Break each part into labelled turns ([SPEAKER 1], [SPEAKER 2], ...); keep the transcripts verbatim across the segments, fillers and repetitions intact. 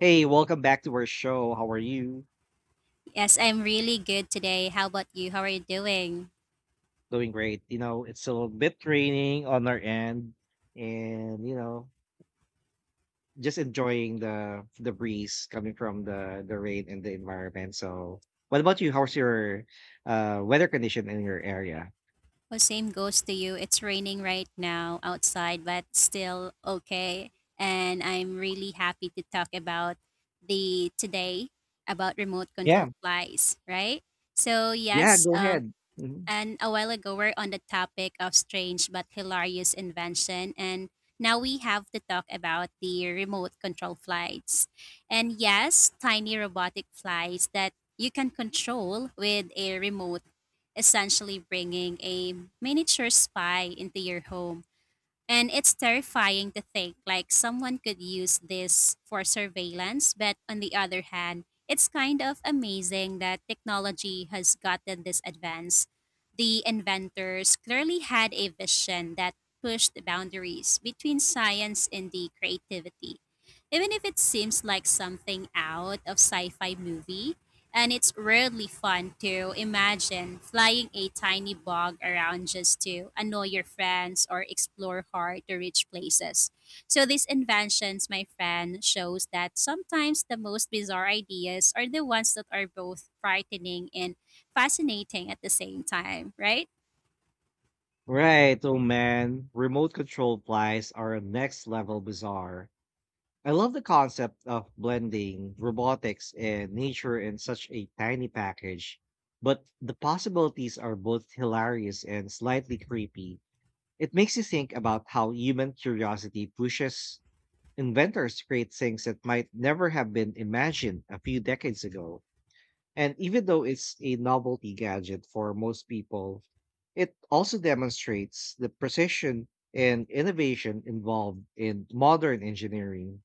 [SPEAKER 1] Hey, welcome back to our show. How are you?
[SPEAKER 2] Yes, I'm really good today. How about you? How are you doing?
[SPEAKER 1] Doing great. You know, it's a little bit raining on our end, and you know, just enjoying the the breeze coming from the the rain and the environment. So, what about you? How's your uh weather condition in your area?
[SPEAKER 2] Well, same goes to you. It's raining right now outside, but still okay. And I'm really happy to talk about the today about remote
[SPEAKER 1] Yeah,
[SPEAKER 2] control flies, right? So
[SPEAKER 1] yeah.
[SPEAKER 2] yes,
[SPEAKER 1] Go
[SPEAKER 2] um,
[SPEAKER 1] ahead. Mhm.
[SPEAKER 2] and a while ago we're on the topic of strange but hilarious invention, and now we have to talk about the remote control flights, and yes, tiny robotic flights that you can control with a remote, essentially bringing a miniature spy into your home. And it's terrifying to think like someone could use this for surveillance, but on the other hand, it's kind of amazing that technology has gotten this advanced. The inventors clearly had a vision that pushed the boundaries between science and the creativity. Even if it seems like something out of sci fi movie, and it's really fun to imagine flying a tiny bug around just to annoy your friends or explore hard to reach places. So these inventions, my friend, shows that sometimes the most bizarre ideas are the ones that are both frightening and fascinating at the same time, right?
[SPEAKER 1] Right. Oh man, remote control flies are next level bizarre. I love the concept of blending robotics and nature in such a tiny package, but the possibilities are both hilarious and slightly creepy. It makes you think about how human curiosity pushes inventors to create things that might never have been imagined a few decades ago. And even though it's a novelty gadget for most people, it also demonstrates the precision and innovation involved in modern engineering.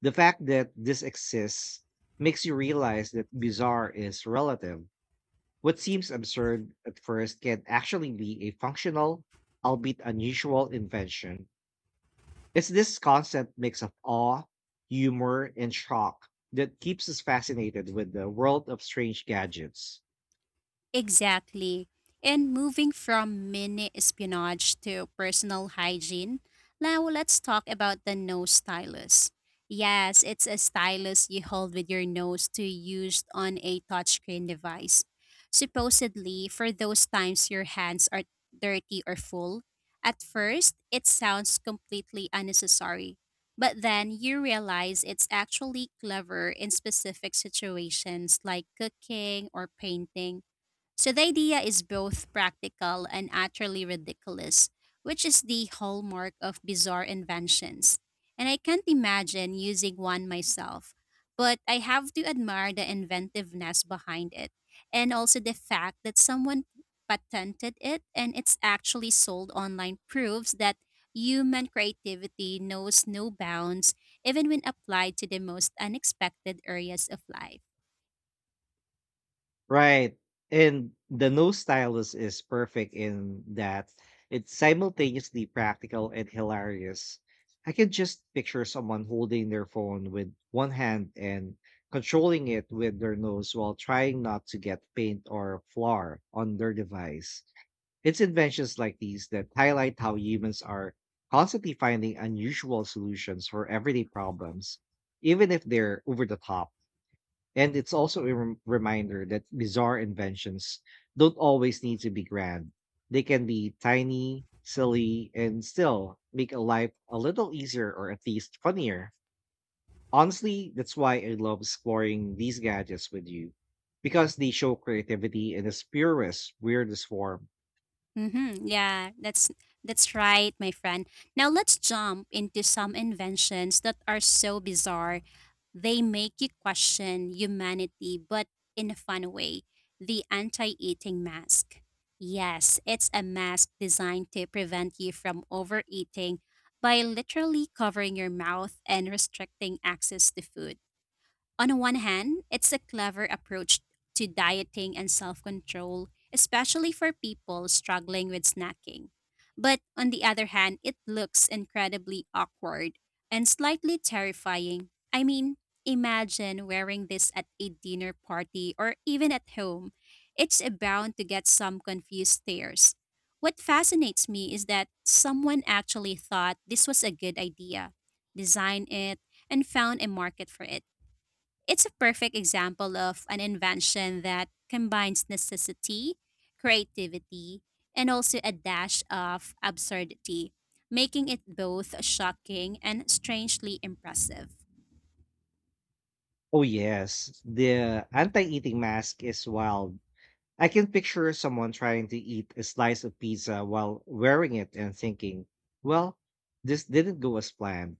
[SPEAKER 1] The fact that this exists makes you realize that bizarre is relative. What seems absurd at first can actually be a functional, albeit unusual, invention. It's this constant mix of awe, humor, and shock that keeps us fascinated with the world of strange gadgets.
[SPEAKER 2] Exactly. And moving from mini espionage to personal hygiene, now let's talk about the nose stylus. Yes, it's a stylus you hold with your nose to use on a touchscreen device. Supposedly, for those times your hands are dirty or full, at first it sounds completely unnecessary, but then you realize it's actually clever in specific situations like cooking or painting, so the idea is both practical and utterly ridiculous, which is the hallmark of bizarre inventions. And I can't imagine using one myself, but I have to admire the inventiveness behind it, and also the fact that someone patented it and it's actually sold online proves that human creativity knows no bounds even when applied to the most unexpected areas of life.
[SPEAKER 1] Right. And the nose stylus is perfect in that it's simultaneously practical and hilarious. I can just picture someone holding their phone with one hand and controlling it with their nose while trying not to get paint or flour on their device. It's inventions like these that highlight how humans are constantly finding unusual solutions for everyday problems, even if they're over the top. And it's also a rem- reminder that bizarre inventions don't always need to be grand. They can be tiny, silly, and still make a life a little easier or at least funnier. Honestly, that's why I love exploring these gadgets with you because they show creativity in its purest, weirdest form.
[SPEAKER 2] Mm-hmm. Yeah, that's that's right, my friend. Now let's jump into some inventions that are so bizarre. They make you question humanity, but in a fun way. The anti-eating mask. Yes, it's a mask designed to prevent you from overeating by literally covering your mouth and restricting access to food. On one hand, it's a clever approach to dieting and self control, especially for people struggling with snacking. But on the other hand, it looks incredibly awkward and slightly terrifying. I mean, imagine wearing this at a dinner party or even at home. It's bound to get some confused stares. What fascinates me is that someone actually thought this was a good idea, designed it, and found a market for it. It's a perfect example of an invention that combines necessity, creativity, and also a dash of absurdity, making it both shocking and strangely impressive.
[SPEAKER 1] Oh, yes, the anti eating mask is wild. I can picture someone trying to eat a slice of pizza while wearing it and thinking, well, this didn't go as planned.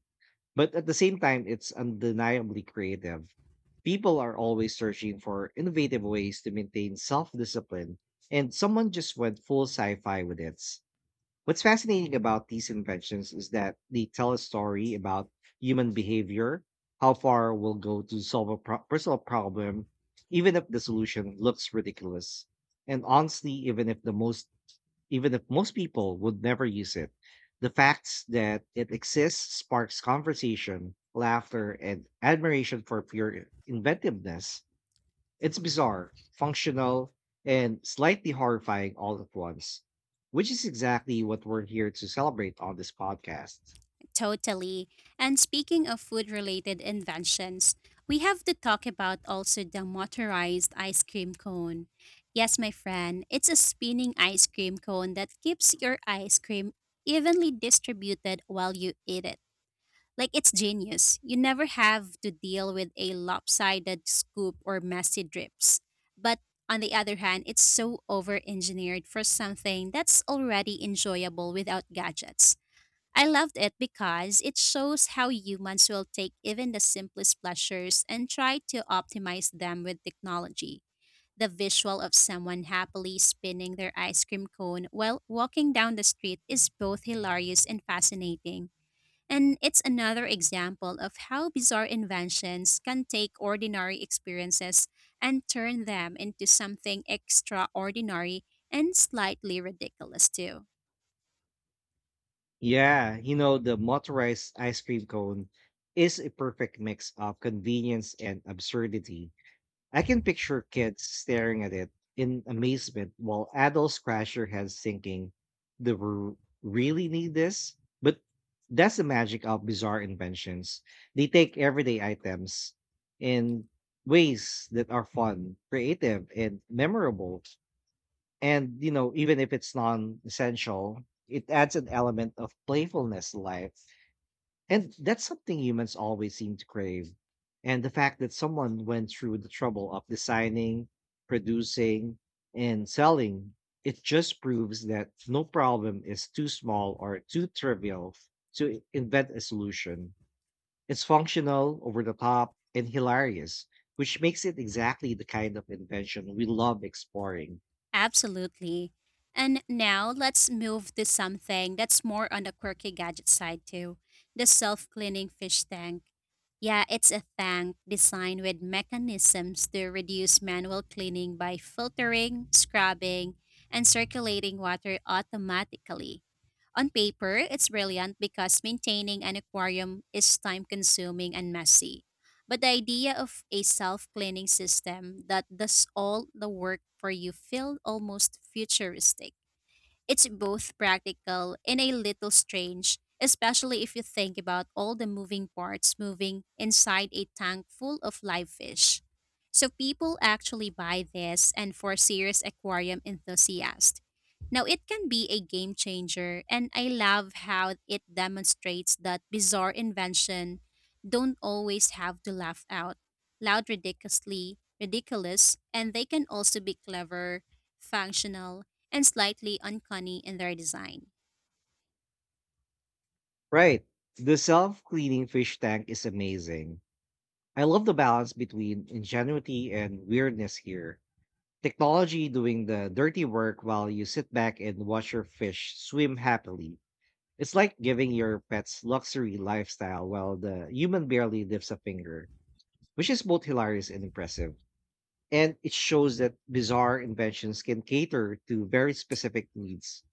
[SPEAKER 1] But at the same time, it's undeniably creative. People are always searching for innovative ways to maintain self discipline, and someone just went full sci fi with it. What's fascinating about these inventions is that they tell a story about human behavior, how far we'll go to solve a pro- personal problem, even if the solution looks ridiculous. And honestly, even if the most even if most people would never use it, the facts that it exists sparks conversation, laughter, and admiration for pure inventiveness. It's bizarre, functional, and slightly horrifying all at once, which is exactly what we're here to celebrate on this podcast.
[SPEAKER 2] Totally. And speaking of food related inventions, we have to talk about also the motorized ice cream cone. Yes, my friend, it's a spinning ice cream cone that keeps your ice cream evenly distributed while you eat it. Like, it's genius. You never have to deal with a lopsided scoop or messy drips. But on the other hand, it's so over engineered for something that's already enjoyable without gadgets. I loved it because it shows how humans will take even the simplest pleasures and try to optimize them with technology. The visual of someone happily spinning their ice cream cone while walking down the street is both hilarious and fascinating, and it's another example of how bizarre inventions can take ordinary experiences and turn them into something extraordinary and slightly ridiculous, too.
[SPEAKER 1] Yeah, you know, the motorized ice cream cone is a perfect mix of convenience and absurdity. I can picture kids staring at it in amazement while adults scratch their heads thinking, do we really need this? But that's the magic of bizarre inventions. They take everyday items in ways that are fun, creative, and memorable. And, you know, even if it's non essential, it adds an element of playfulness to life. And that's something humans always seem to crave. And the fact that someone went through the trouble of designing, producing, and selling, it just proves that no problem is too small or too trivial to invent a solution. It's functional, over the top, and hilarious, which makes it exactly the kind of invention we love exploring.
[SPEAKER 2] Absolutely. And now let's move to something that's more on the quirky gadget side too, the self cleaning fish tank. Yeah, it's a tank designed with mechanisms to reduce manual cleaning by filtering, scrubbing, and circulating water automatically. On paper, it's brilliant because maintaining an aquarium is time consuming and messy. But the idea of a self cleaning system that does all the work for you feels almost futuristic. It's both practical and a little strange, especially if you think about all the moving parts moving inside a tank full of live fish. So people actually buy this, and for serious aquarium enthusiasts. Now it can be a game changer, and I love how it demonstrates that bizarre invention don't always have to laugh out loud ridiculously ridiculous, and they can also be clever, functional, and slightly uncanny in their design.
[SPEAKER 1] Right. The self cleaning fish tank is amazing. I love the balance between ingenuity and weirdness here. Technology doing the dirty work while you sit back and watch your fish swim happily. It's like giving your pets luxury lifestyle while the human barely lifts a finger, which is both hilarious and impressive. And it shows that bizarre inventions can cater to very specific needs,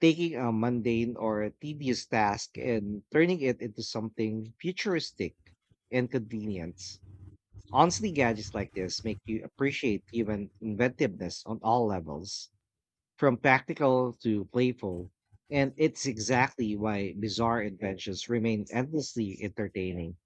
[SPEAKER 1] taking a mundane or a tedious task and turning it into something futuristic and convenient. Honestly, gadgets like this make you appreciate human inventiveness on all levels from practical to playful, and it's exactly why bizarre inventions remain endlessly entertaining.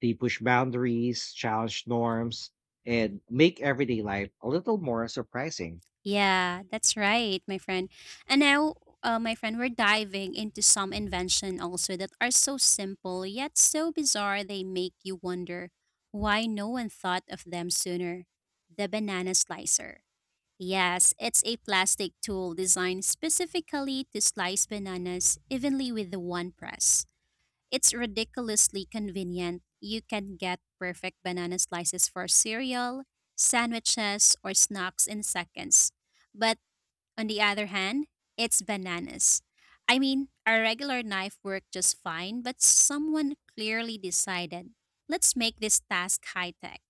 [SPEAKER 1] They push boundaries, challenge norms, and make everyday life a little more surprising.
[SPEAKER 2] Yeah, that's right, my friend. And now, uh, my friend, we're diving into some invention also that are so simple yet so bizarre they make you wonder why no one thought of them sooner. The banana slicer. Yes, it's a plastic tool designed specifically to slice bananas evenly with the one press. It's ridiculously convenient. You can get perfect banana slices for cereal, sandwiches, or snacks in seconds. But on the other hand, it's bananas. I mean, a regular knife worked just fine, but someone clearly decided, let's make this task high tech.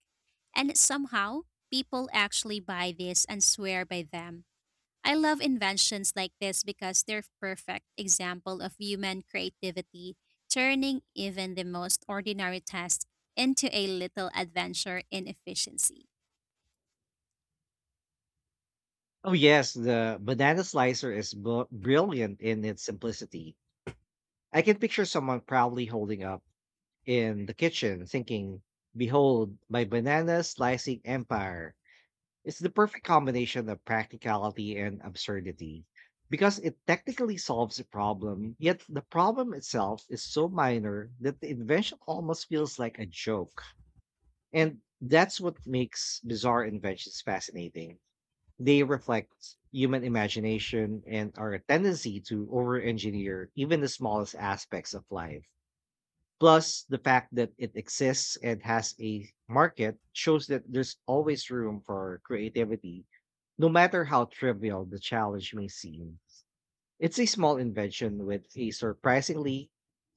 [SPEAKER 2] And somehow, people actually buy this and swear by them. I love inventions like this because they're perfect example of human creativity, turning even the most ordinary task into a little adventure in efficiency.
[SPEAKER 1] Oh, yes, the banana slicer is bu- brilliant in its simplicity. I can picture someone proudly holding up in the kitchen, thinking, behold, my banana slicing empire. It's the perfect combination of practicality and absurdity because it technically solves a problem, yet the problem itself is so minor that the invention almost feels like a joke. And that's what makes bizarre inventions fascinating. They reflect human imagination and our tendency to over engineer even the smallest aspects of life. Plus, the fact that it exists and has a market shows that there's always room for creativity, no matter how trivial the challenge may seem. It's a small invention with a surprisingly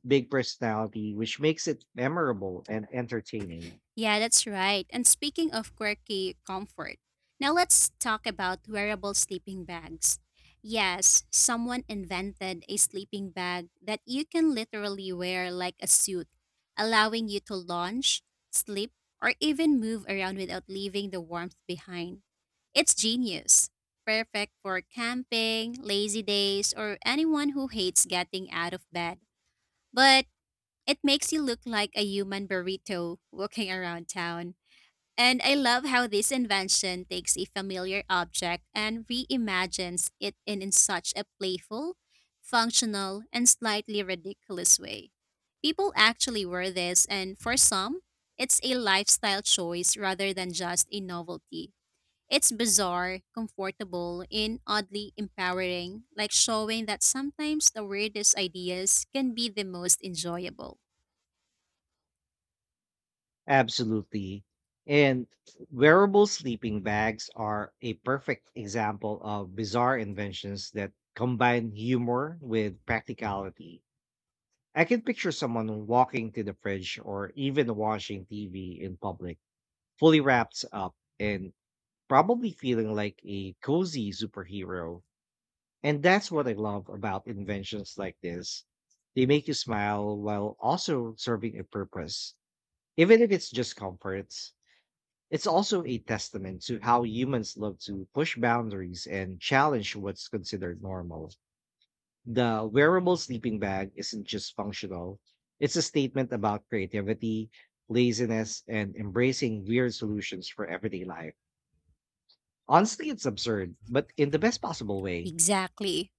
[SPEAKER 1] big personality, which makes it memorable and entertaining.
[SPEAKER 2] Yeah, that's right. And speaking of quirky comfort, now let's talk about wearable sleeping bags. Yes, someone invented a sleeping bag that you can literally wear like a suit, allowing you to lounge, sleep, or even move around without leaving the warmth behind. It's genius. Perfect for camping, lazy days, or anyone who hates getting out of bed. But it makes you look like a human burrito walking around town. And I love how this invention takes a familiar object and reimagines it in, in such a playful, functional, and slightly ridiculous way. People actually wear this, and for some, it's a lifestyle choice rather than just a novelty. It's bizarre, comfortable, and oddly empowering, like showing that sometimes the weirdest ideas can be the most enjoyable.
[SPEAKER 1] Absolutely. And wearable sleeping bags are a perfect example of bizarre inventions that combine humor with practicality. I can picture someone walking to the fridge or even watching T V in public, fully wrapped up and probably feeling like a cozy superhero. And that's what I love about inventions like this. They make you smile while also serving a purpose, even if it's just comfort. It's also a testament to how humans love to push boundaries and challenge what's considered normal. The wearable sleeping bag isn't just functional, it's a statement about creativity, laziness, and embracing weird solutions for everyday life. Honestly, it's absurd, but in the best possible way.
[SPEAKER 2] Exactly.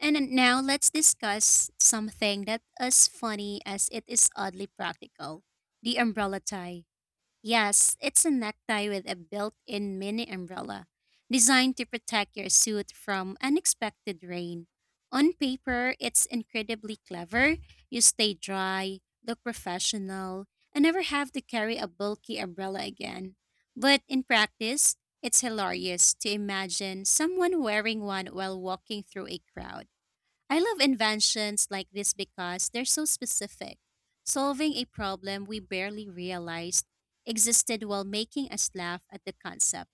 [SPEAKER 2] And then now let's discuss something that as funny as it is oddly practical. The umbrella tie. Yes, it's a necktie with a built-in mini umbrella designed to protect your suit from unexpected rain. On paper, it's incredibly clever. You stay dry, look professional, and never have to carry a bulky umbrella again. But in practice, it's hilarious to imagine someone wearing one while walking through a crowd. I love inventions like this because they're so specific, solving a problem we barely realized existed while making us laugh at the concept.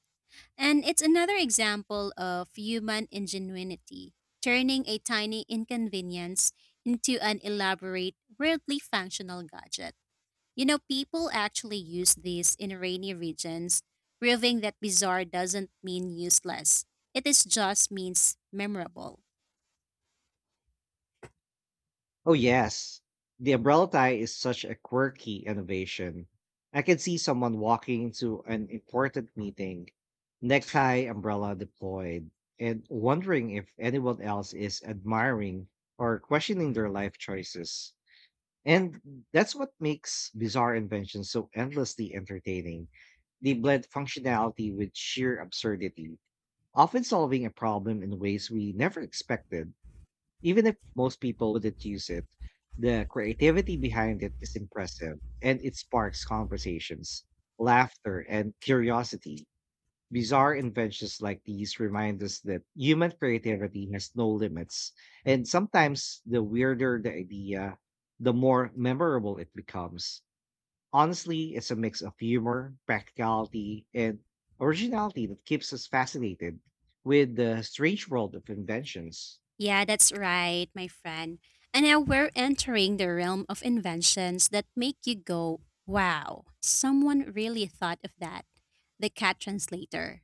[SPEAKER 2] And it's another example of human ingenuity, turning a tiny inconvenience into an elaborate, weirdly functional gadget. You know, people actually use these in rainy regions, proving that bizarre doesn't mean useless. It is just means memorable.
[SPEAKER 1] Oh, yes. The umbrella tie is such a quirky innovation. I can see someone walking into an important meeting, necktie umbrella deployed, and wondering if anyone else is admiring or questioning their life choices. And that's what makes bizarre inventions so endlessly entertaining. They blend functionality with sheer absurdity, often solving a problem in ways we never expected, even if most people wouldn't use it. The creativity behind it is impressive, and it sparks conversations, laughter, and curiosity. Bizarre inventions like these remind us that human creativity has no limits, and sometimes the weirder the idea, the more memorable it becomes. Honestly, it's a mix of humor, practicality, and originality that keeps us fascinated with the strange world of inventions.
[SPEAKER 2] Yeah, that's right, my friend. And now we're entering the realm of inventions that make you go, wow, someone really thought of that. The cat translator.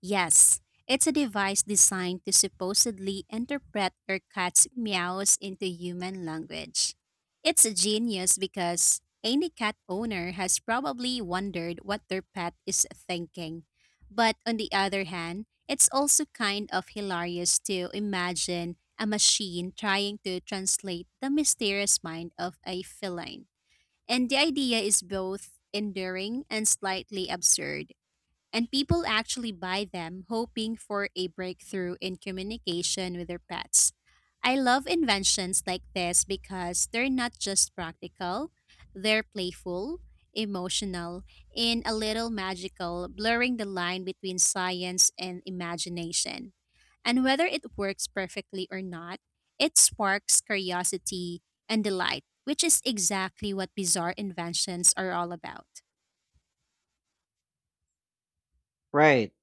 [SPEAKER 2] Yes, it's a device designed to supposedly interpret your cat's meows into human language. It's genius because any cat owner has probably wondered what their pet is thinking. But on the other hand, it's also kind of hilarious to imagine a machine trying to translate the mysterious mind of a feline. And the idea is both endearing and slightly absurd, and people actually buy them hoping for a breakthrough in communication with their pets. I love inventions like this because they're not just practical, they're playful, emotional, and a little magical, blurring the line between science and imagination. And whether it works perfectly or not, it sparks curiosity and delight, which is exactly what bizarre inventions are all about.
[SPEAKER 1] Right.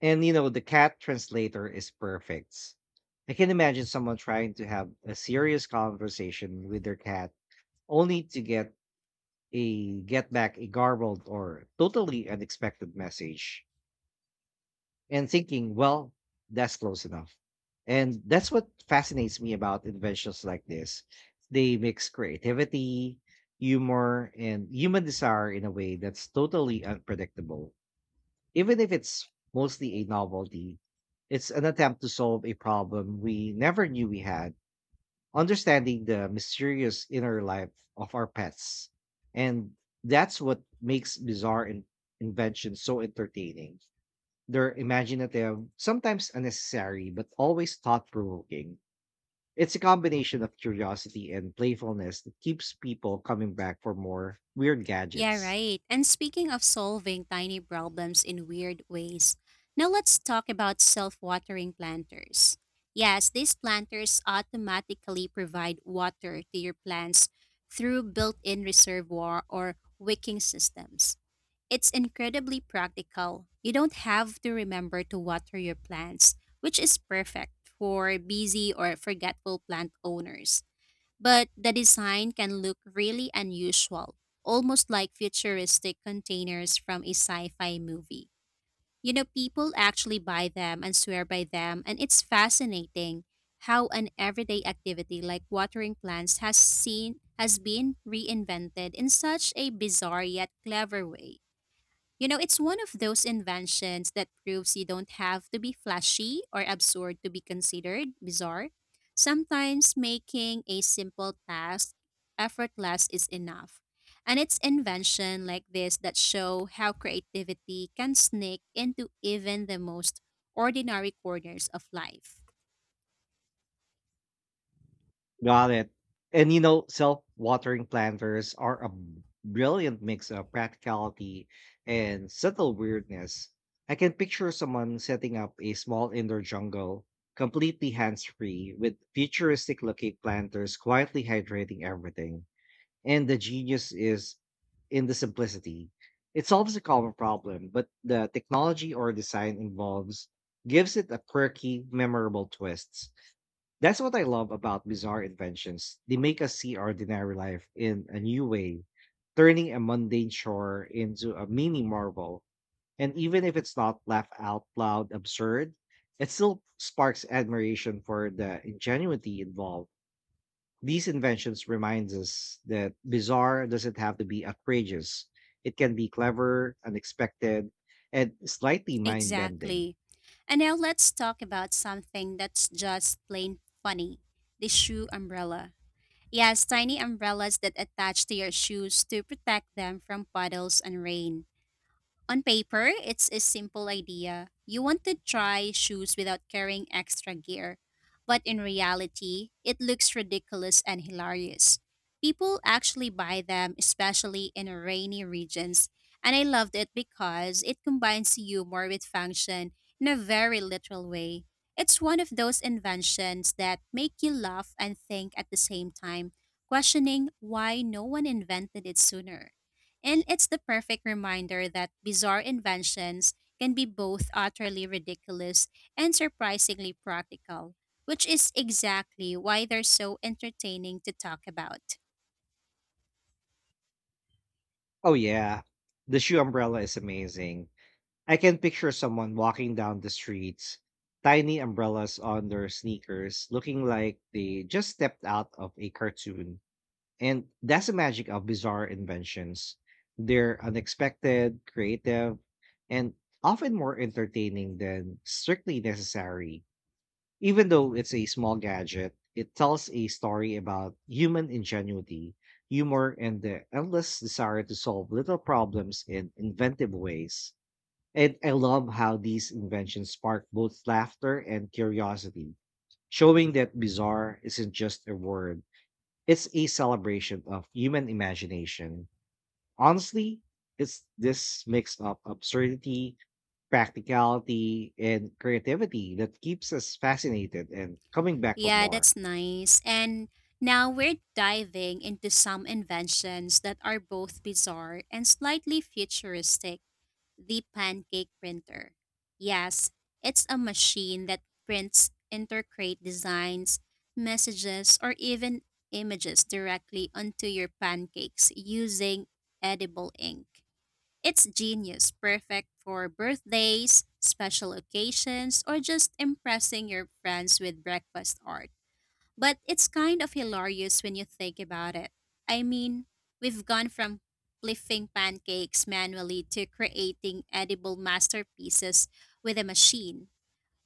[SPEAKER 1] And you know, the cat translator is perfect. I can imagine someone trying to have a serious conversation with their cat only to get a get back a garbled or totally unexpected message and thinking, well, that's close enough. And that's what fascinates me about inventions like this. They mix creativity, humor, and human desire in a way that's totally unpredictable. Even if it's mostly a novelty, it's an attempt to solve a problem we never knew we had, understanding the mysterious inner life of our pets. And that's what makes bizarre in- inventions so entertaining. They're imaginative, sometimes unnecessary, but always thought provoking. It's a combination of curiosity and playfulness that keeps people coming back for more weird
[SPEAKER 2] Yeah,
[SPEAKER 1] gadgets.
[SPEAKER 2] right. And speaking of solving tiny problems in weird ways, now let's talk about self watering planters. Yes, these planters automatically provide water to your plants through built in reservoir or wicking systems. It's incredibly practical. You don't have to remember to water your plants, which is perfect for busy or forgetful plant owners, but the design can look really unusual, almost like futuristic containers from a sci fi movie. You know, people actually buy them and swear by them, and it's fascinating how an everyday activity like watering plants has seen has been reinvented in such a bizarre yet clever way. You know, it's one of those inventions that proves you don't have to be flashy or absurd to be considered bizarre. Sometimes making a simple task effortless is enough. And it's invention like this that show how creativity can sneak into even the most ordinary corners of life.
[SPEAKER 1] Got it. And you know, self-watering planters are a b- brilliant mix of practicality and subtle weirdness. I can picture someone setting up a small indoor jungle, completely hands-free, with futuristic-looking planters quietly hydrating everything. And the genius is in the simplicity. It solves a common problem, but the technology or design involves gives it a quirky, memorable twist. That's what I love about bizarre inventions. They make us see our ordinary life in a new way, turning a mundane chore into a mini marvel. And even if it's not laugh out loud absurd, it still sparks admiration for the ingenuity involved. These inventions reminds us that bizarre doesn't have to be outrageous. It can be clever, unexpected, and slightly mind-bending.
[SPEAKER 2] Exactly. And now let's talk about something that's just plain funny, the shoe umbrella. Yes, tiny umbrellas that attach to your shoes to protect them from puddles and rain. On paper, it's a simple idea. You want to try shoes without carrying extra gear. But in reality, it looks ridiculous and hilarious. People actually buy them, especially in rainy regions. And I loved it because it combines humor with function in a very literal way. It's one of those inventions that make you laugh and think at the same time, questioning why no one invented it sooner. And it's the perfect reminder that bizarre inventions can be both utterly ridiculous and surprisingly practical, which is exactly why they're so entertaining to talk about.
[SPEAKER 1] Oh yeah, the shoe umbrella is amazing. I can picture someone walking down the streets, tiny umbrellas on their sneakers, looking like they just stepped out of a cartoon. And that's the magic of bizarre inventions. They're unexpected, creative, and often more entertaining than strictly necessary. Even though it's a small gadget, it tells a story about human ingenuity, humor, and the endless desire to solve little problems in inventive ways. And I love how these inventions spark both laughter and curiosity, showing that bizarre isn't just a word, it's a celebration of human imagination. Honestly, it's this mix of absurdity, practicality, and creativity that keeps us fascinated and coming back for
[SPEAKER 2] Yeah,
[SPEAKER 1] more.
[SPEAKER 2] that's nice. And now we're diving into some inventions that are both bizarre and slightly futuristic, the pancake printer. Yes, it's a machine that prints intercrate designs, messages, or even images directly onto your pancakes using edible ink. It's genius, perfect for birthdays, special occasions, or just impressing your friends with breakfast art. But it's kind of hilarious when you think about it. I mean, we've gone from flipping pancakes manually to creating edible masterpieces with a machine.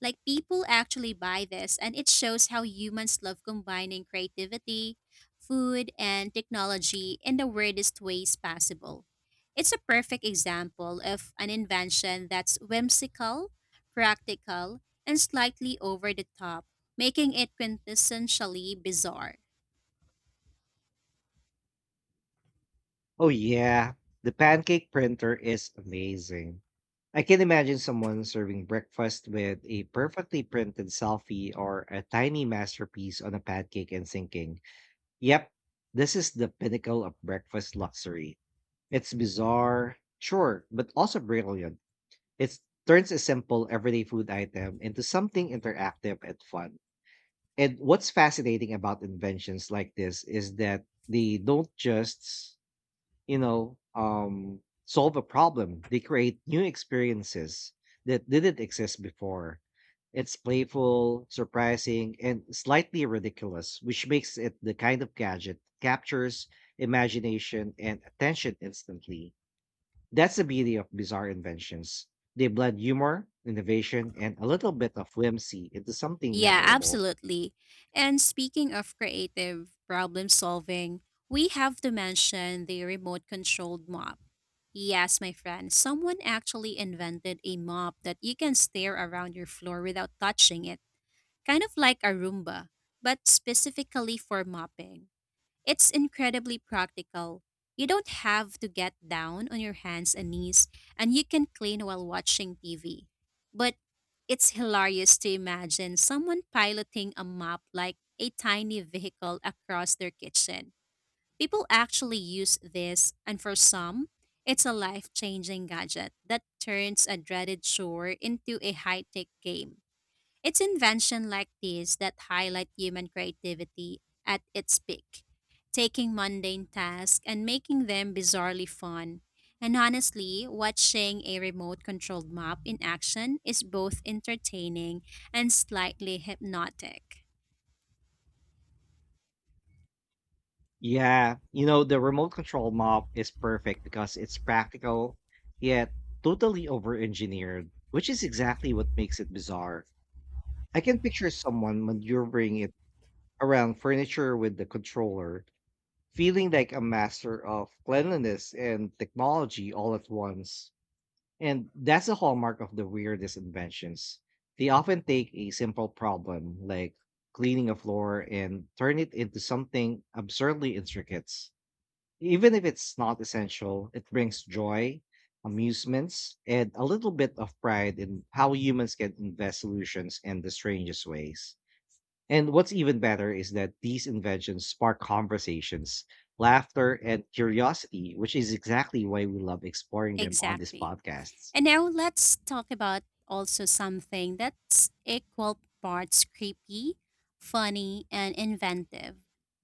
[SPEAKER 2] Like, people actually buy this, and it shows how humans love combining creativity, food, and technology in the weirdest ways possible. It's a perfect example of an invention that's whimsical, practical, and slightly over the top, making it quintessentially bizarre.
[SPEAKER 1] Oh, yeah, the pancake printer is amazing. I can imagine someone serving breakfast with a perfectly printed selfie or a tiny masterpiece on a pancake and thinking, yep, this is the pinnacle of breakfast luxury. It's bizarre, sure, but also brilliant. It turns a simple everyday food item into something interactive and fun. And what's fascinating about inventions like this is that they don't just you know, um, solve a problem. They create new experiences that didn't exist before. It's playful, surprising, and slightly ridiculous, which makes it the kind of gadget captures imagination and attention instantly. That's the beauty of bizarre inventions. They blend humor, innovation, and a little bit of whimsy into something
[SPEAKER 2] Yeah,
[SPEAKER 1] memorable.
[SPEAKER 2] absolutely. And speaking of creative problem solving, we have to mention the remote controlled mop. Yes, my friend, someone actually invented a mop that you can stare around your floor without touching it, kind of like a Roomba, but specifically for mopping. It's incredibly practical. You don't have to get down on your hands and knees, and you can clean while watching T V. But it's hilarious to imagine someone piloting a mop like a tiny vehicle across their kitchen. People actually use this, and for some, it's a life changing gadget that turns a dreaded chore into a high tech game. It's invention like these that highlight human creativity at its peak, taking mundane tasks and making them bizarrely fun. And honestly, watching a remote controlled map in action is both entertaining and slightly hypnotic.
[SPEAKER 1] Yeah, you know, the remote control mop is perfect because it's practical, yet totally over-engineered, which is exactly what makes it bizarre. I can picture someone maneuvering it around furniture with the controller, feeling like a master of cleanliness and technology all at once. And that's the hallmark of the weirdest inventions. They often take a simple problem, like cleaning a floor, and turn it into something absurdly intricate. Even if it's not essential, it brings joy, amusements, and a little bit of pride in how humans can invent solutions in the strangest ways. And what's even better is that these inventions spark conversations, laughter, and curiosity, which is exactly why we love exploring them on these
[SPEAKER 2] Exactly.
[SPEAKER 1] podcasts.
[SPEAKER 2] And now let's talk about also something that's equal parts creepy, funny, and inventive,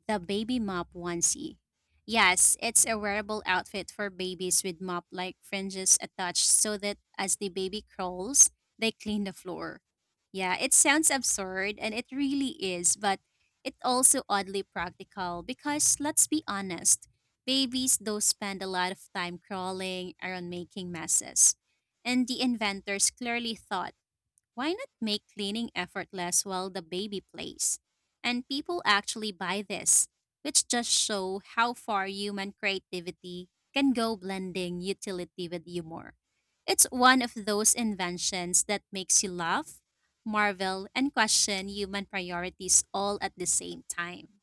[SPEAKER 2] the baby mop onesie. Yes, it's a wearable outfit for babies with mop like fringes attached so that as the baby crawls, they clean the floor. Yeah, it sounds absurd and it really is, but it's also oddly practical because, let's be honest, babies do spend a lot of time crawling around making messes. And the inventors clearly thought, why not make cleaning effortless while the baby plays? And people actually buy this, which just show how far human creativity can go blending utility with humor. It's one of those inventions that makes you laugh, marvel, and question human priorities all at the same time,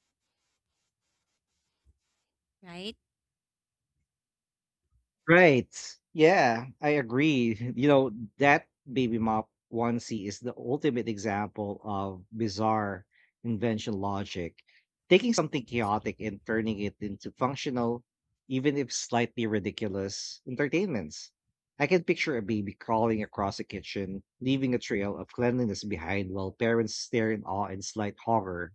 [SPEAKER 2] right?
[SPEAKER 1] Right. Yeah, I agree. You know, that baby mop onesie is the ultimate example of bizarre invention logic, taking something chaotic and turning it into functional, even if slightly ridiculous, entertainments. I can picture a baby crawling across the kitchen, leaving a trail of cleanliness behind while parents stare in awe and slight horror.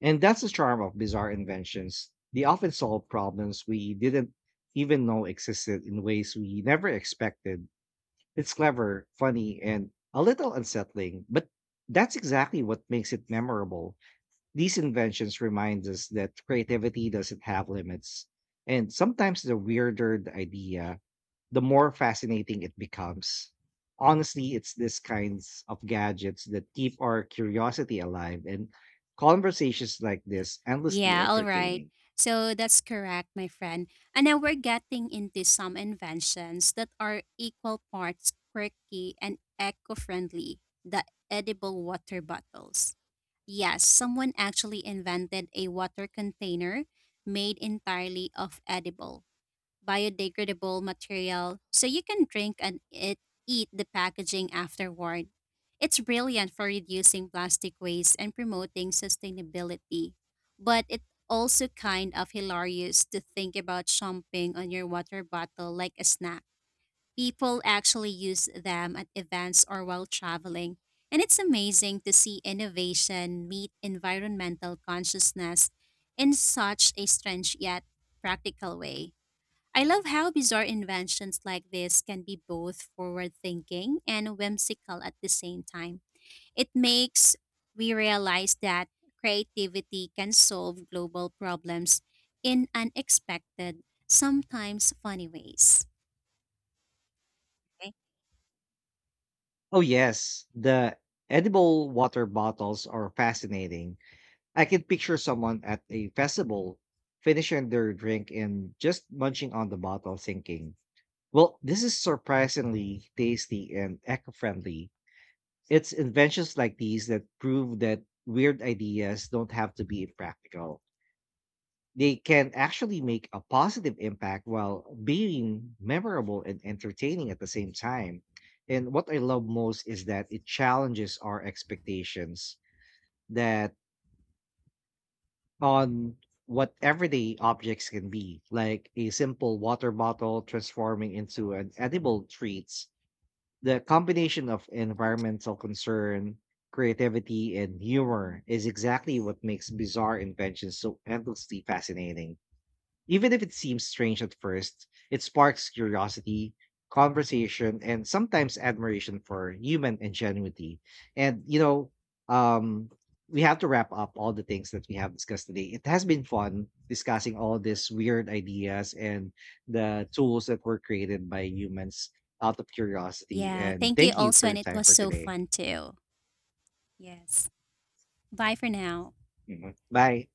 [SPEAKER 1] And that's the charm of bizarre inventions. They often solve problems we didn't even know existed in ways we never expected. It's clever, funny, and a little unsettling, but that's exactly what makes it memorable. These inventions remind us that creativity doesn't have limits. And sometimes the weirder the idea, the more fascinating it becomes. Honestly, it's these kinds of gadgets that keep our curiosity alive and conversations like this endlessly
[SPEAKER 2] Yeah, all right.
[SPEAKER 1] entertaining.
[SPEAKER 2] So that's correct, my friend. And now we're getting into some inventions that are equal parts quirky and eco friendly, the edible water bottles. Yes, someone actually invented a water container made entirely of edible biodegradable material so you can drink and it, eat the packaging afterward. It's brilliant for reducing plastic waste and promoting sustainability. But it's also kind of hilarious to think about chomping on your water bottle like a snack. People actually use them at events or while traveling. And it's amazing to see innovation meet environmental consciousness in such a strange yet practical way. I love how bizarre inventions like this can be both forward thinking and whimsical at the same time. It makes we realize that creativity can solve global problems in unexpected, sometimes funny ways. Okay.
[SPEAKER 1] Oh, yes, the edible water bottles are fascinating. I can picture someone at a festival finishing their drink and just munching on the bottle, thinking, well, this is surprisingly tasty and eco friendly. It's inventions like these that prove that weird ideas don't have to be impractical. They can actually make a positive impact while being memorable and entertaining at the same time. And what I love most is that it challenges our expectations that on what everyday objects can be, like a simple water bottle transforming into an edible treat. The combination of environmental concern, creativity, and humor is exactly what makes bizarre inventions so endlessly fascinating. Even if it seems strange at first, it sparks curiosity, conversation, and sometimes admiration for human ingenuity. And, you know, um, we have to wrap up all the things that we have discussed today. It has been fun discussing all these weird ideas and the tools that were created by humans out of curiosity.
[SPEAKER 2] Yeah,
[SPEAKER 1] And
[SPEAKER 2] thank you
[SPEAKER 1] thank you for
[SPEAKER 2] also, and
[SPEAKER 1] your
[SPEAKER 2] it
[SPEAKER 1] time
[SPEAKER 2] was
[SPEAKER 1] for
[SPEAKER 2] so
[SPEAKER 1] today.
[SPEAKER 2] fun too. Yes. Bye for now.
[SPEAKER 1] Mhm. Bye.